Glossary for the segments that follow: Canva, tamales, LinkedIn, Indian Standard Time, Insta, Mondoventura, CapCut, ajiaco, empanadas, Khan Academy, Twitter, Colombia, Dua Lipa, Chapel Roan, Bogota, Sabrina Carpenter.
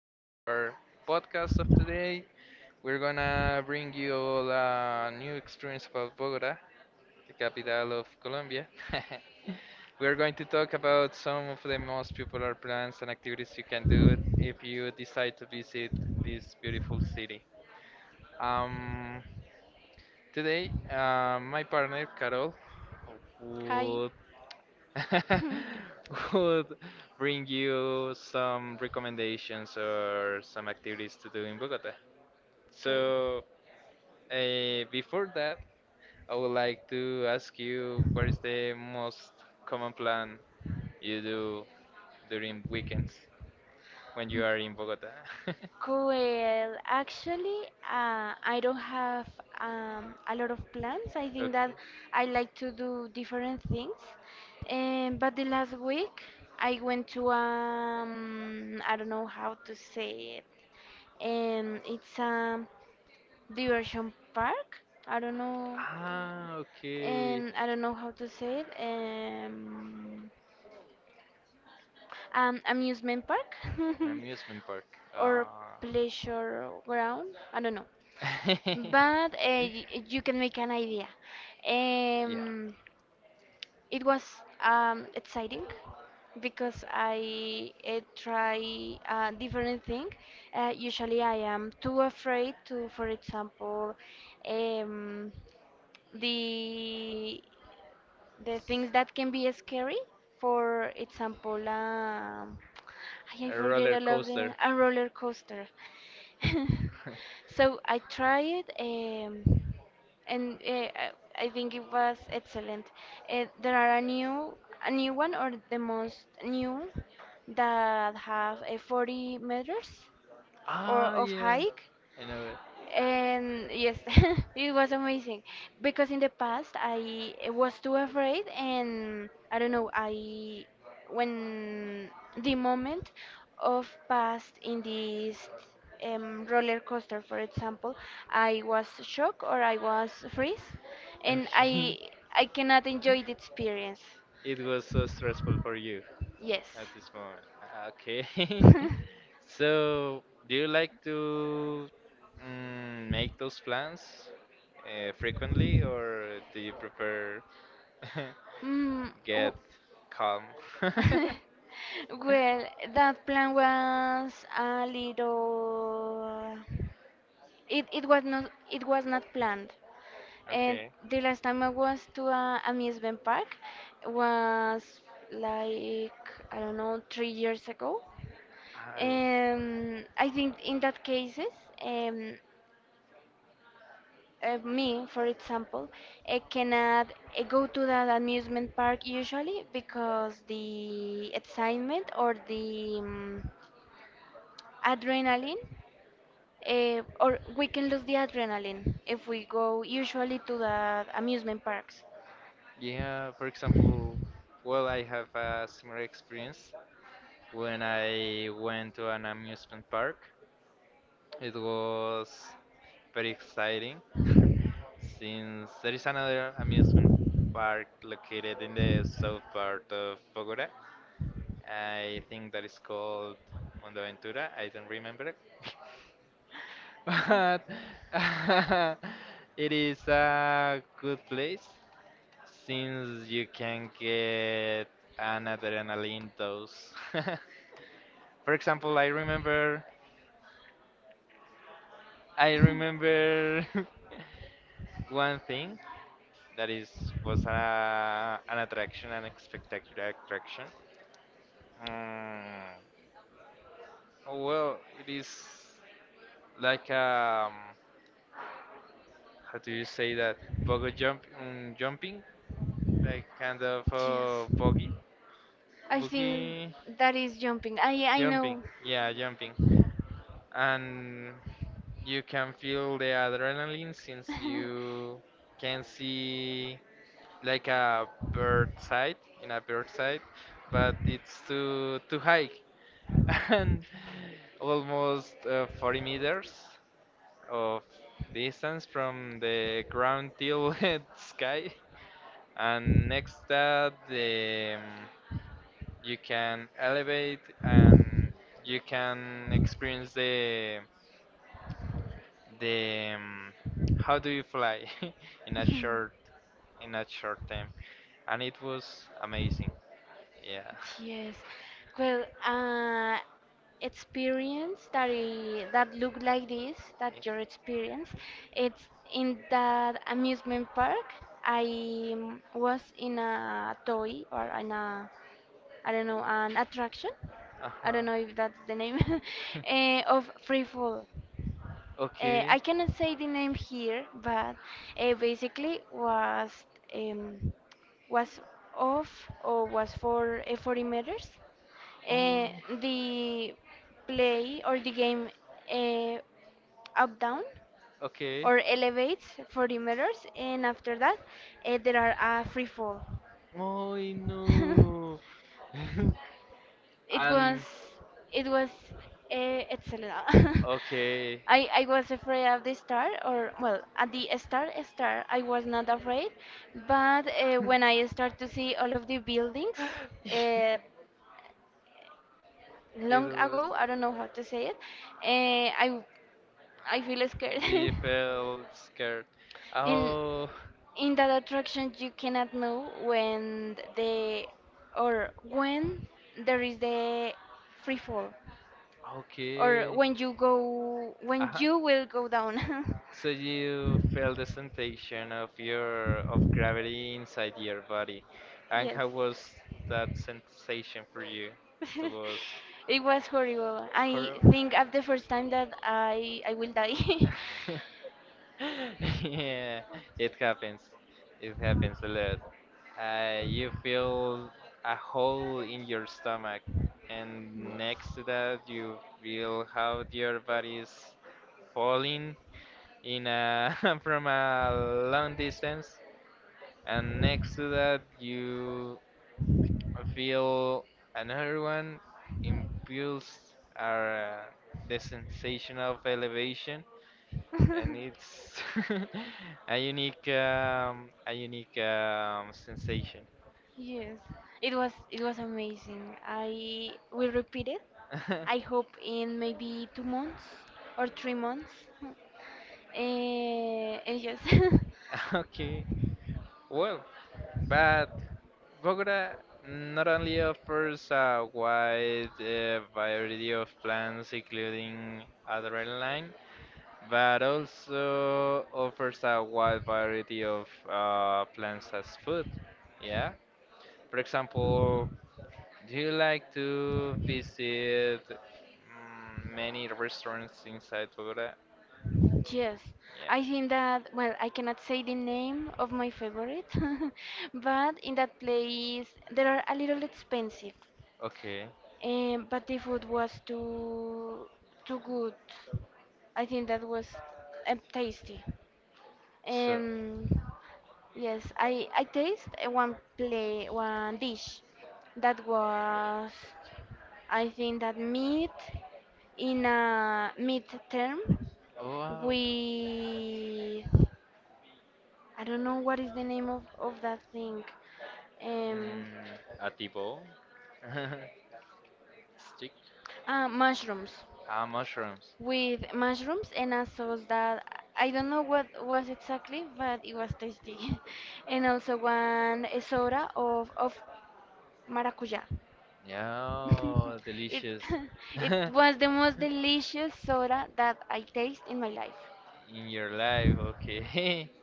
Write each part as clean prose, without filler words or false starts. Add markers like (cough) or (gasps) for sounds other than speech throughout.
our podcast of today. We're gonna bring you all a new experience about Bogota, the capital of Colombia. (laughs) We're going to talk about some of the most popular plans and activities you can do if you decide to visit this beautiful city. Um, today, my partner Carol Hi. would (laughs) would bring you some recommendations or some activities to do in Bogota. Okay. So, before that, I would like to ask you, what is the most common plan you do during weekends when you are in Bogota? (laughs) Cool. Actually, I don't have a lot of plans. I think that Okay. I like to do different things. But the last week, I went to I don't know how to say it. It's a diversion park. I don't know. Ah, uh, okay. And I don't know how to say it. Amusement park. (laughs) An amusement park. Or Ah. pleasure ground. I don't know, (laughs) but you can make an idea. Yeah, Um, it was exciting because I try a different thing. Usually, I am too afraid to, for example, um, the the things that can be scary, for example, (tsk) I a forget roller a lot of the coaster. a roller coaster. (laughs) (laughs) So I tried, and I think it was excellent. There are a new one or the most new that have 40 meters or Ah, of yeah. hike, I know it. and yes, (laughs) it was amazing because in the past I was too afraid and I don't know. I when the moment of past in this roller coaster, for example, I was shocked or I was freeze and i Okay. (laughs) i cannot enjoy the experience. It was so stressful for you Yes. at this moment. Ah, okay. (laughs) (laughs) So, do you like to make those plans frequently, or do you prefer (laughs) Mm, get w- calm? (laughs) (laughs) Well, that plan was a little. It was not planned. And Okay. the last time I was to a amusement park was like, I don't know, 3 years ago. I- I think in that cases, um, me, for example, I cannot go to that amusement park usually because the excitement or the adrenaline, or we can lose the adrenaline if we go usually to the amusement parks. Yeah, for example, well, I have a similar experience. When I went to an amusement park, it was very exciting (laughs) since there is another amusement park located in the south part of Bogota. I think that is called Mondoventura. I don't remember, (laughs) but (laughs) it is a good place since you can get an adrenaline dose. (laughs) For example, I remember (laughs) one thing that is was a, an attraction, an spectacular attraction. Mm, well, it is like how do you say that? Bogo jump, jumping, like kind of Yes, boggy, I think boogie that is jumping. I jumping. know. Yeah, jumping, and you can feel the adrenaline since (laughs) you can see like a bird site in a bird site, but it's too high (laughs) and almost 40 meters of distance from the ground till (laughs) the sky. And next that the you can elevate and you can experience the how do you fly (laughs) in a short in a short time, and it was amazing, yeah. Yes. Well, experience that that look like this, that your (laughs) experience, it's in that amusement park. I was in a toy or in a, I don't know, an attraction. I Uh-huh. don't know if that's the name, (laughs) of free fall. Okay. I cannot say the name here, but basically was um, was off or was for 40 meters. Oh, Uh, the play or the game uh, up down okay. or elevates 40 meters, and after that there are a free fall. Oh, (laughs) no. (laughs) it was And it was excellent. (laughs) okay. I was afraid of the star, or well, at the star I was not afraid, but when I start to see all of the buildings, (laughs) uh, It long was ago, I don't know how to say it, uh, I I feel scared. they (laughs) felt scared. in Oh, in that attraction you cannot know when the or when there is the free fall or okay. when you go when Uh-huh. you will go down. (laughs) So you felt the sensation of your of gravity inside your body. And Yes. how was that sensation for you? It (laughs) was It was horrible. I horrible. think at the first time that I will die. (laughs) (laughs) Yeah, it happens. It happens a lot. You feel a hole in your stomach, and Yes, next to that, you feel how your body is falling in a, (laughs) from a long distance, and next to that, you I feel another one impulse are the sensation of elevation, distance. and it's (laughs) a unique sensation. (laughs) Yes, it was amazing. I will repeat it. I hope in maybe 2 months or 3 months. (laughs) uh, and yes, (laughs) Okay, well, but Bogota not only offers a wide variety of plants, including adrenaline, but also offers a wide variety of plants as food. Yeah. For example, do you like to visit, many restaurants inside Bogota? (laughs) yes. Yeah. I think that, well, I cannot say the name of my favorite, (laughs) but in that place they are a little expensive. Okay. But the food was too good. I think that was tasty. So, Um, yes, I taste one play, one dish that was, I think, that meat in a meat term wow. with, I don't know what is the name of that thing. Um, Mm, a tipo? (laughs) Stick? ah, mushrooms. Ah, mushrooms. With mushrooms and a sauce that I don't know what was exactly, but it was tasty. (laughs) And also one soda of maracuja. Yeah, (laughs) oh, It delicious. (laughs) (laughs) it was the most delicious soda that I taste in my life. In your life, okay. (laughs)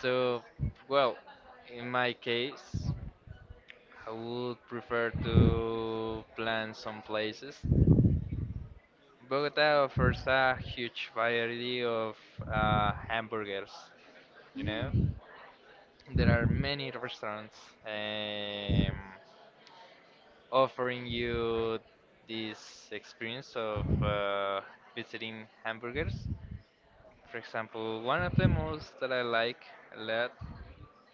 So, well, in my case, I would prefer to plan some places. Bogota offers a huge variety of hamburgers, you know? There are many restaurants um, offering you this experience of visiting hamburgers. For example, one of the most that I like a lot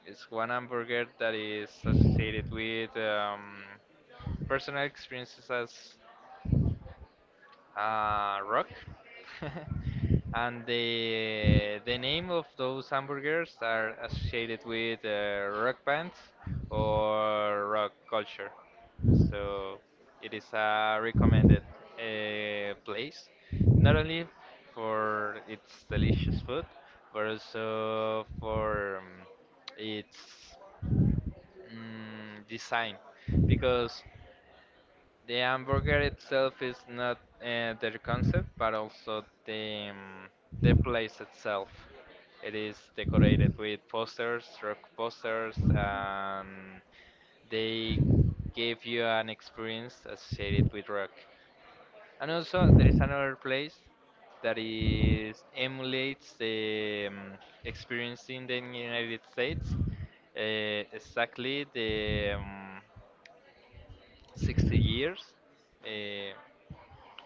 is one hamburger that is associated with personal experiences as rock. (laughs) And the name of those hamburgers are associated with rock bands or rock culture. So it is a recommended place, not only for its delicious food, but also for its design, because the hamburger itself is not their concept, but also the place itself. It is decorated with posters, rock posters, and they give you an experience associated with rock. And also, there is another place that is emulates the experience in the United States, uh, exactly the 60 years. Uh,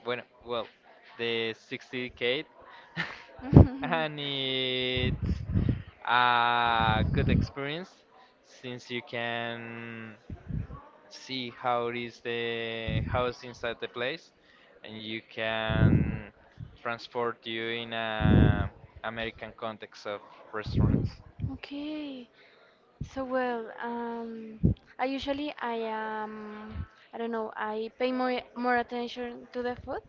Bueno, well, the 60K, (laughs) and it's (laughs) a good experience since you can see how it is the house inside the place, and you can transport you in a American context of restaurants. Okay. So, well, I usually I don't know. I pay more attention to the food,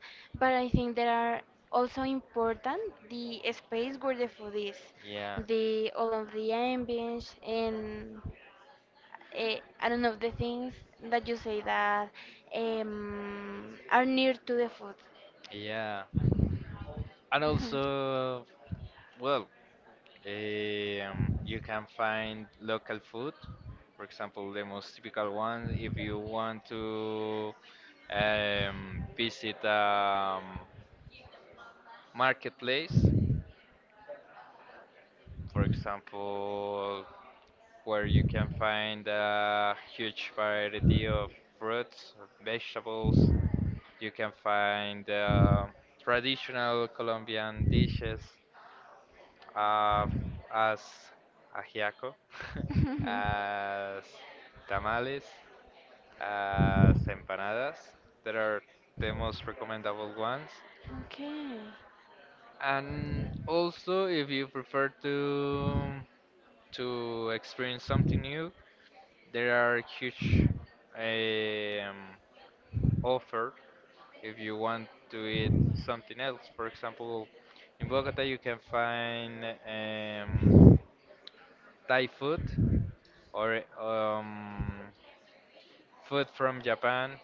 but I think there are also important the space where the food is, Yeah, the all of the ambience and I don't know, the things that you say that are near to the food. yeah, and also, well, you can find local food, for example, the most typical one. If you want to visit a marketplace, for example, where you can find a huge variety of fruits, vegetables. You can find traditional Colombian dishes, uh, as ajiaco, (laughs) Mhm. as tamales, as empanadas that are the most recommendable ones. (laughs) Okay. And also, if you prefer to experience something new, there are huge um, offer if you want to eat something else. For example, in Bogota you can find Thai food or food from Japan,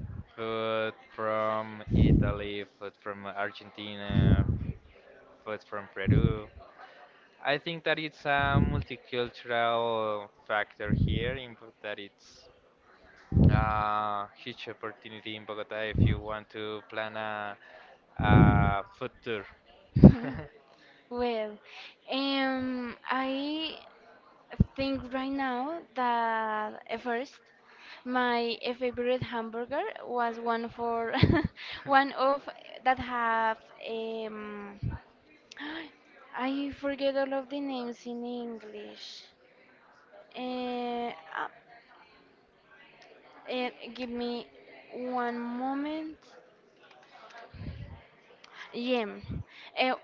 (laughs) food from Italy, food from Argentina, food from Peru. I think that it's a multicultural factor here in that it's a huge opportunity in Bogota if you want to plan a food tour. (laughs) (laughs) Well, I think right now that at first my favorite hamburger was one for (laughs) one of that have um (gasps) I forget all of the names in English. Uh, uh, Give me one moment. Jam. Uh,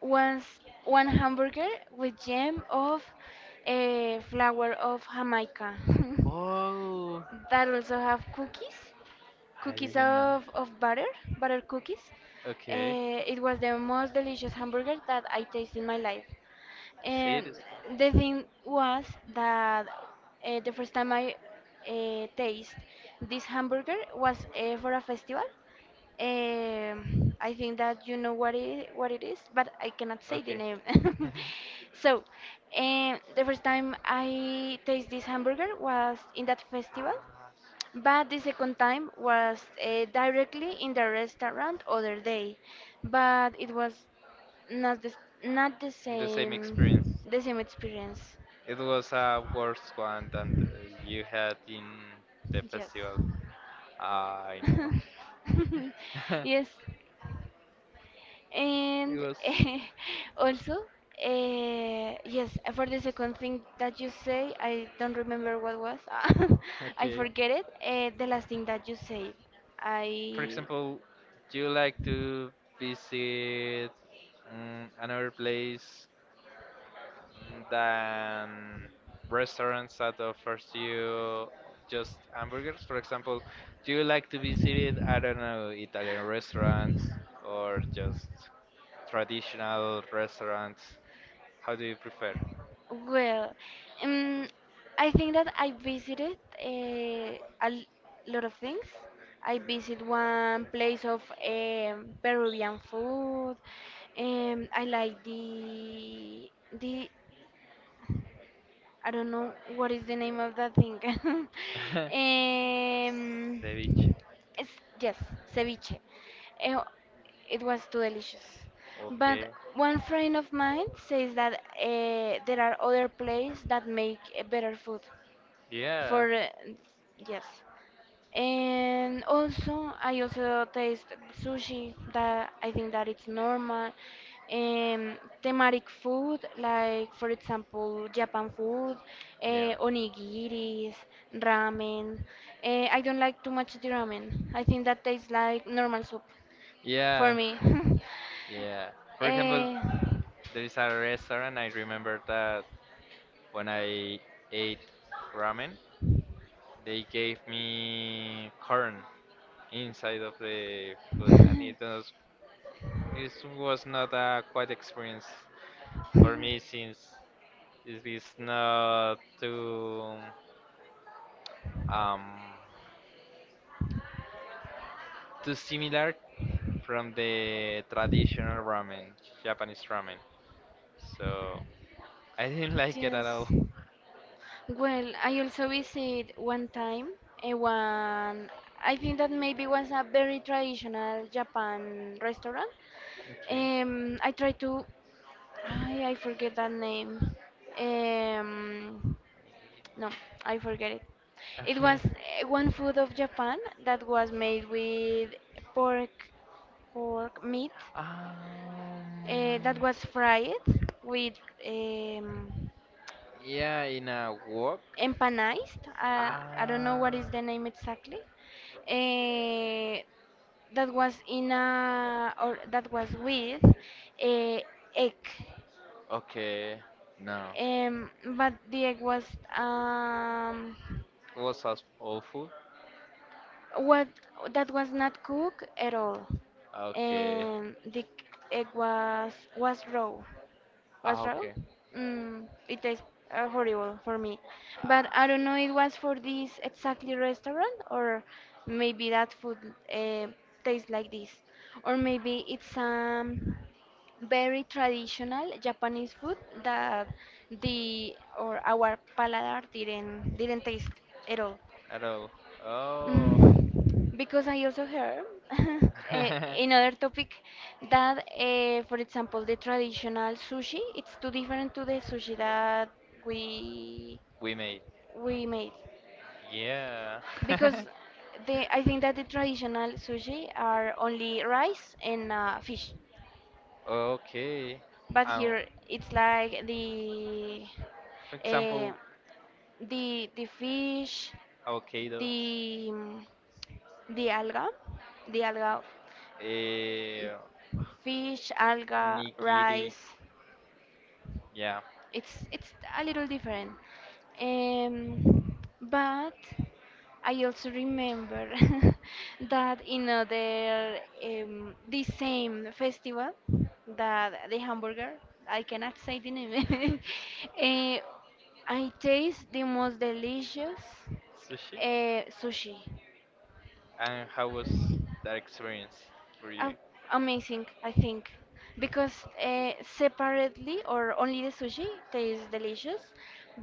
Once, one hamburger with jam of flower of Jamaica. Oh, (laughs) That also have cookies, I cookies didn't know. Of butter, butter cookies. Okay, It was the most delicious hamburger that I tasted in my life. see it And is the thing was that the first time I taste this hamburger was for a festival. I think that you know what what it is, but I cannot say the okay. name. (laughs) So, the first time I taste this hamburger was in that festival, but the second time was directly in the restaurant other day, but it was not the s- not the (laughs) The same experience. same the same experience. It was a worse one than the, you had in the Yes. festival. I (laughs) know. (laughs) Yes. It And was (laughs) also yes, for the second thing that you say, I don't remember what was. (laughs) I okay. forget it. The last thing that you say, For I. example, do you like to visit, another place than restaurants that offers you just hamburgers? For example, do you like to visit, I don't know, Italian restaurants or just traditional restaurants. How do you prefer? Well, um, I think that I visited a l- lot of things. I visit one place of Peruvian food. I like the I don't know what is the name of that thing. (laughs) (laughs) Ceviche. it's, yes, ceviche. Eh, It was too delicious. Okay. But one friend of mine says that there are other places that make better food for, Yeah. Yes. And also I also taste sushi that I think that it's normal, um, thematic food, like, for example, Japan food, Yeah. Onigiris, ramen. I don't like too much the ramen. I think that tastes like normal soup for Yeah. me. (laughs) Yeah. For example, uh, there is a restaurant I remember that when I ate ramen, they gave me corn inside of the food, and it was this was not a quite experience for me since it is not too um too similar from the traditional ramen, Japanese ramen. So I didn't (laughs) like it at yes. all. Well, I also visit one time a one, I think that maybe was a very traditional Japan restaurant. Okay. I try to I forget that name. Um, no, I forget it. It Okay. was one food of Japan that was made with pork pork meat Um. That was fried with um, Yeah, in a walk. empanized. I don't know what Ah. is the name exactly. Uh, that was in a or that was with a egg. Okay. No. Um, but the egg was um, It was as awful. what that was not cooked at all. Okay. The egg was raw. Was Ah, raw? okay. Mm, it tastes horrible for me. Ah. But I don't know it was for this exactly restaurant or maybe that food uh, tastes like this. Or maybe it's very traditional Japanese food that the or our paladar didn't taste at all. At all. Oh. Mm, because I also heard (laughs) eh, (laughs) another topic that, for example, the traditional sushi, it's too different to the sushi that we We made. we made. Yeah. Because (laughs) the, I think that the traditional sushi are only rice and fish, Okay. but Um, here it's like the for uh, example, the fish, avocado, the the alga, the alga eh, fish, alga, nigiri. rice. Yeah. It's a little different. Um, but I also remember (laughs) that in other the same festival that the hamburger, I cannot say the name. (laughs) uh, I taste the most delicious Sushi. Sushi. And how was that experience for you? Am- Amazing, I think, because uh, separately or only the sushi tastes delicious,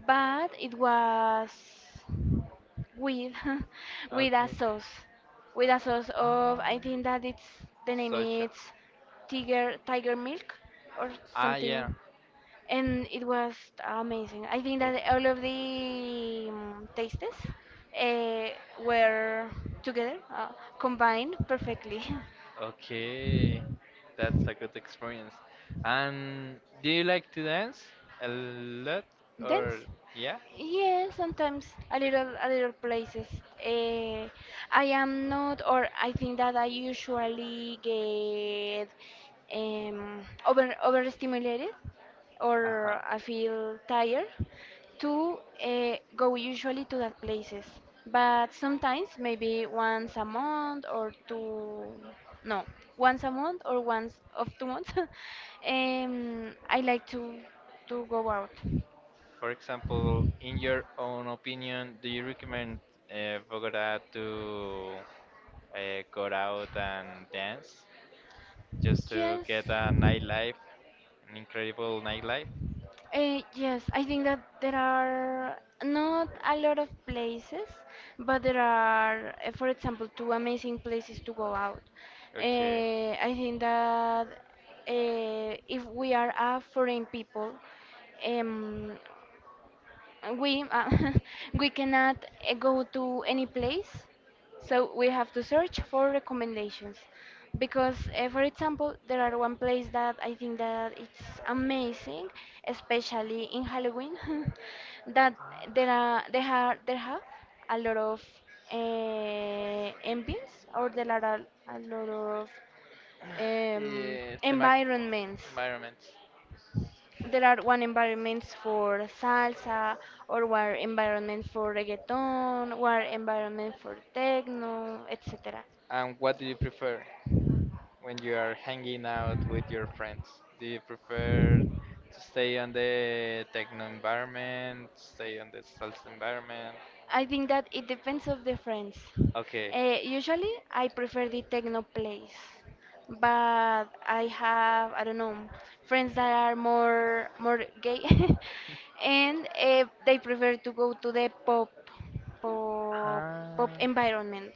but it was with (laughs) with a Okay. sauce, with a sauce of, Um, I think that it's, the name Sosha. is tiger milk or Ah, yeah. something, and it was amazing. I think Oh. that all of the tastes uh, were together, combined perfectly. (laughs) Okay, that's a good experience. And do you like to dance a lot Dance? or yeah? Yeah, sometimes a little places. Uh, I am not, or I think that I usually get overstimulated, Uh-huh. or I feel tired to go usually to that places. But sometimes maybe once a month or two, no, once a month or once of 2 months, (laughs) I like to go out. For example, in your own opinion, do you recommend Bogota to go out and dance just to Yes. get a nightlife, an incredible nightlife? Yes, I think that there are not a lot of places, but there are, for example, two amazing places to go out. Okay. I think that if we are a foreign people, um, and we (laughs) we cannot go to any place, so we have to search for recommendations. Because, for example, there are one place that I think that it's amazing, especially in Halloween, (laughs) that there are they have there have a lot of ambience, or there are a lot of The mac environments. environment. There are one environments for salsa, or one environment for reggaeton, one environment for techno, etc. And what do you prefer when you are hanging out with your friends? Do you prefer to stay on the techno environment, stay on the salsa environment? I think that it depends of the friends. Okay. Usually, I prefer the techno place, but I have, I don't know, friends that are more gay, (laughs) and they prefer to go to the pop pop Ah, environment.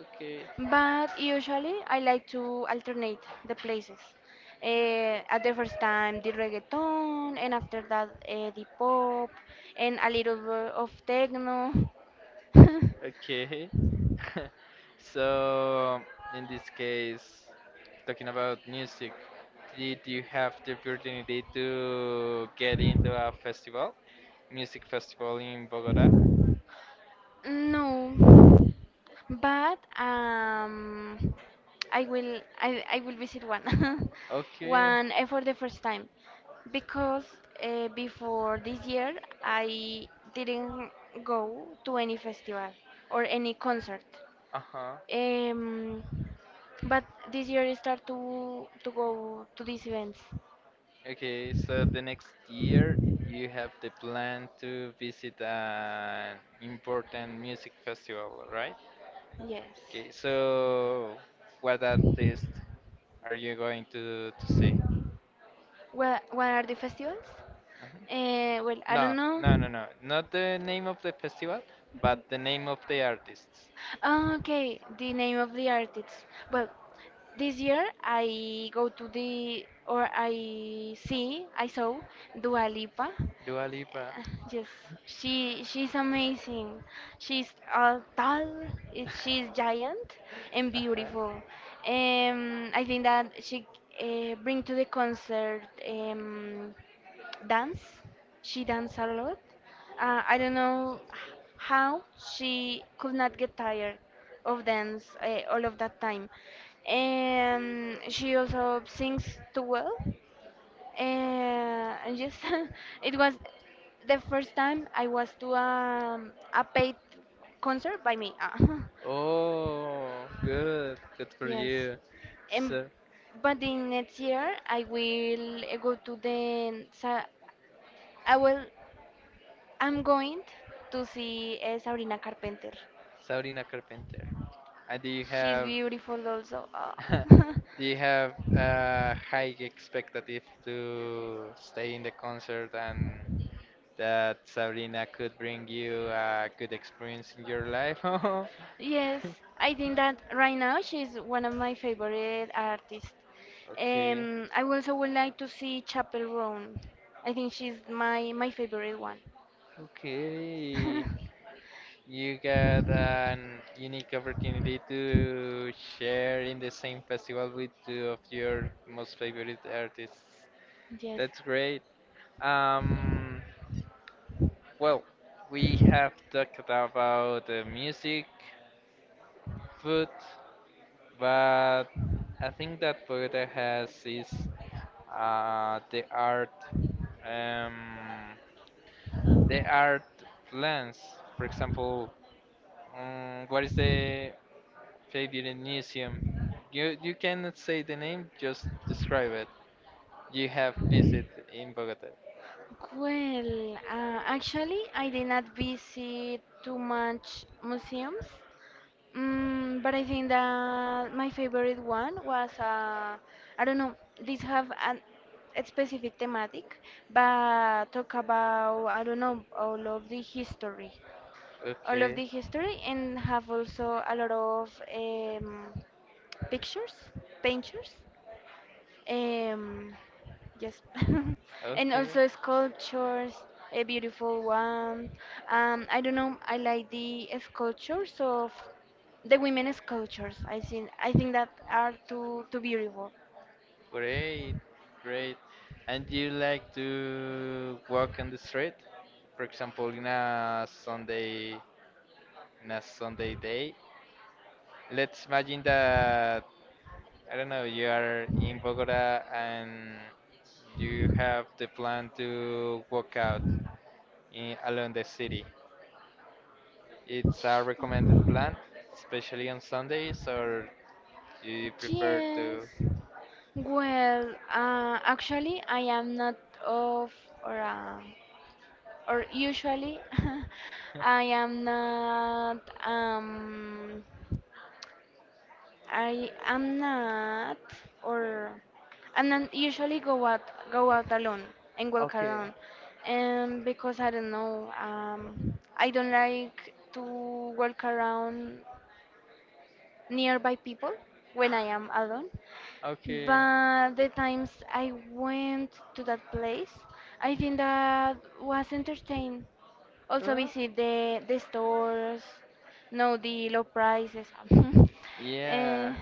okay, But usually I like to alternate the places. At the first time the reggaeton, and after that the pop, and a little bit of techno. (laughs) okay. (laughs) So, in this case, talking about music, did you have the opportunity to get into a festival, music festival in Bogota? No, but I will I will visit one (laughs) Okay, one for the first time because before this year I didn't go to any festival or any concert. uh-huh. Um, but this year I start to go to these events. Okay, so the next year you have the plan to visit an important music festival, right? Yes. Okay, so what artist are you going to see? Well, what are the festivals? Mhm. Well, I No, don't no, no, know. no, not the name of the festival, but the name of the artists. Ah, okay, the name of the artist. Well, this year I go to the or I see I saw Dua Lipa. Dua Lipa. Yes, she's amazing. She's Tall, she's giant and Uh-huh. beautiful. I think that she bring to the concert um, dance. She dance a lot. I don't know how she could not get tired of dance all of that time. And she also sings too well. Uh, and yes, (laughs) it was the first time I was to a paid concert by me. Ah, Oh, good, good (laughs) for yes. you. Um, So, but in next year, I will go to the. I will. I'm going to see Sabrina Carpenter. Sabrina Carpenter. And do you She's have beautiful also. Ah. (laughs) (laughs) do you have a high expectative to stay in the concert and that Sabrina could bring you a good experience in your life? (laughs) Yes, I think that right now she's one of my favorite artists. Okay, I also would like to see Chapel Roan. I think she's my my favorite one. okay. (laughs) You got an unique opportunity to share in the same festival with two of your most favorite artists. Yes. That's great. Um, well, we have talked about music, food, but I think that Bogota has is uh, the art, um, the art plans. For example, what is the favorite museum you you cannot say the name, just describe it, you have visited in Bogota? Well, actually, I did not visit too much museums, mm, but I think that my favorite one was, I don't know, these have an, a specific thematic, but talk about, I don't know, all of the history, Okay, and have also a lot of pictures, painters. Um, yes, (laughs) and okay, also sculptures, a beautiful one. I don't know. I like the sculptures of the women sculptures. I think that are too beautiful. great, great. And you like to walk on the street, for example, in a Sunday on a Sunday day. Let's imagine that, I don't know, you are in Bogota and you have the plan to walk out in, along the city. It's a recommended plan, especially on Sundays, or do you prefer Yes. to? Well, actually, I am not of or uh, or usually (laughs) I am not um I am not, or I'm not usually go out alone and walk Okay. alone, because I don't know. I don't like to walk around nearby people when I am alone. Okay, But the times I went to that place, I think that was entertaining. Also Uh, visit the stores, know the low prices. (laughs) Eh, yeah,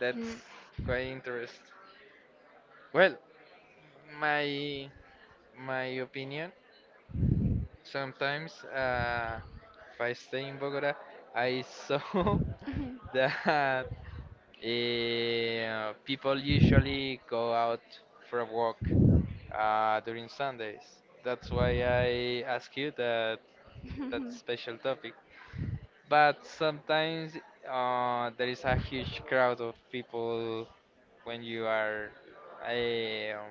that's mm. quite interesting. Well, my my opinion, sometimes, if I stay in Bogota, I saw (laughs) (laughs) that people usually go out for a walk during Sundays. That's why I ask you that that special topic. But sometimes there is a huge crowd of people when you are eh, um,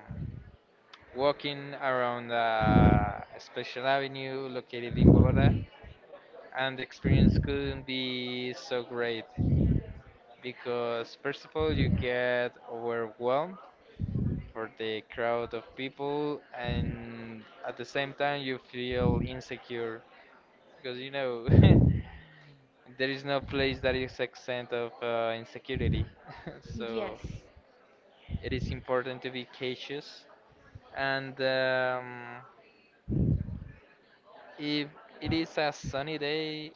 walking around a special avenue located in Bogota, and the experience couldn't be so great, because first of all you get overwhelmed for the crowd of people, and at the same time you feel insecure because you know (laughs) there is no place that is exempt of insecurity. (laughs) So Yes. it is important to be cautious and, if it is a sunny day,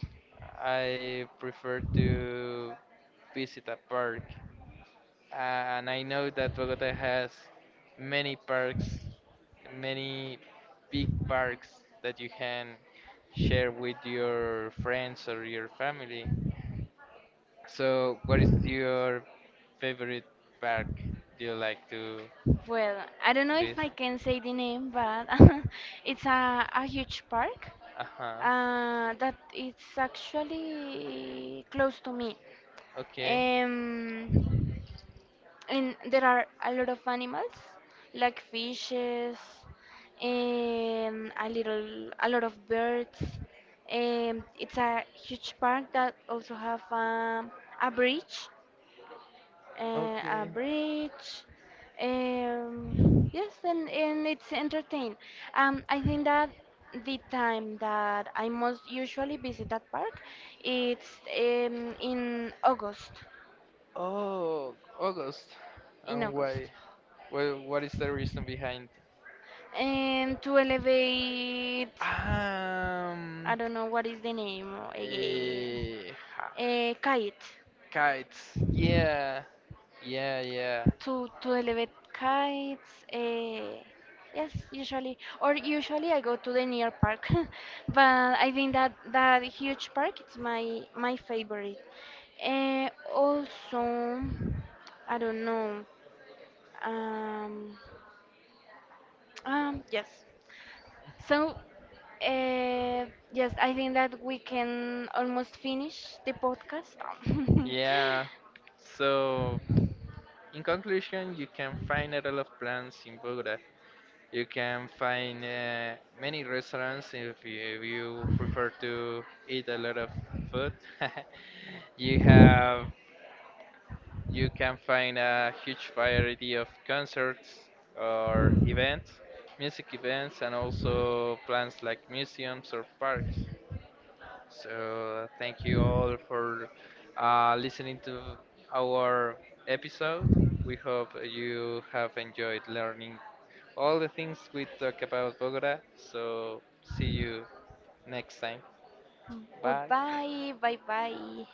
I prefer to visit a park, and I know that Bogota has many parks, many big parks that you can share with your friends or your family. So, what is your favorite park do you like to Well, I don't know if I visit? can say the name, but (laughs) it's a huge park Uh huh. That it's actually close to me. Okay. Um, and there are a lot of animals, like fishes, a lot of birds. It's a huge park that also have a bridge a Okay. bridge. Yes, and it's entertained. I think that the time that I most usually visit that park, it's in August, Oh, August. in And August, why? Well, what is the reason behind? and to elevate, I Um, don't know what is the name again, eh, ha- kite. kites. Yeah, yeah, yeah, To elevate kites. Yes, usually I go to the near park, (laughs) but I think that that huge park it's my my favorite. Also, I don't know. Um, yes. So, uh, yes, I think that we can almost finish the podcast. (laughs) yeah. So, in conclusion, you can find a lot of plants in Bogota. You can find many restaurants if you prefer to eat a lot of food. (laughs) You have you can find a huge variety of concerts or events, music events, and also plants like museums or parks. So thank you all for listening to our episode. We hope you have enjoyed learning all the things we talk about Bogota. So see you next time. Bye. Goodbye. Bye bye.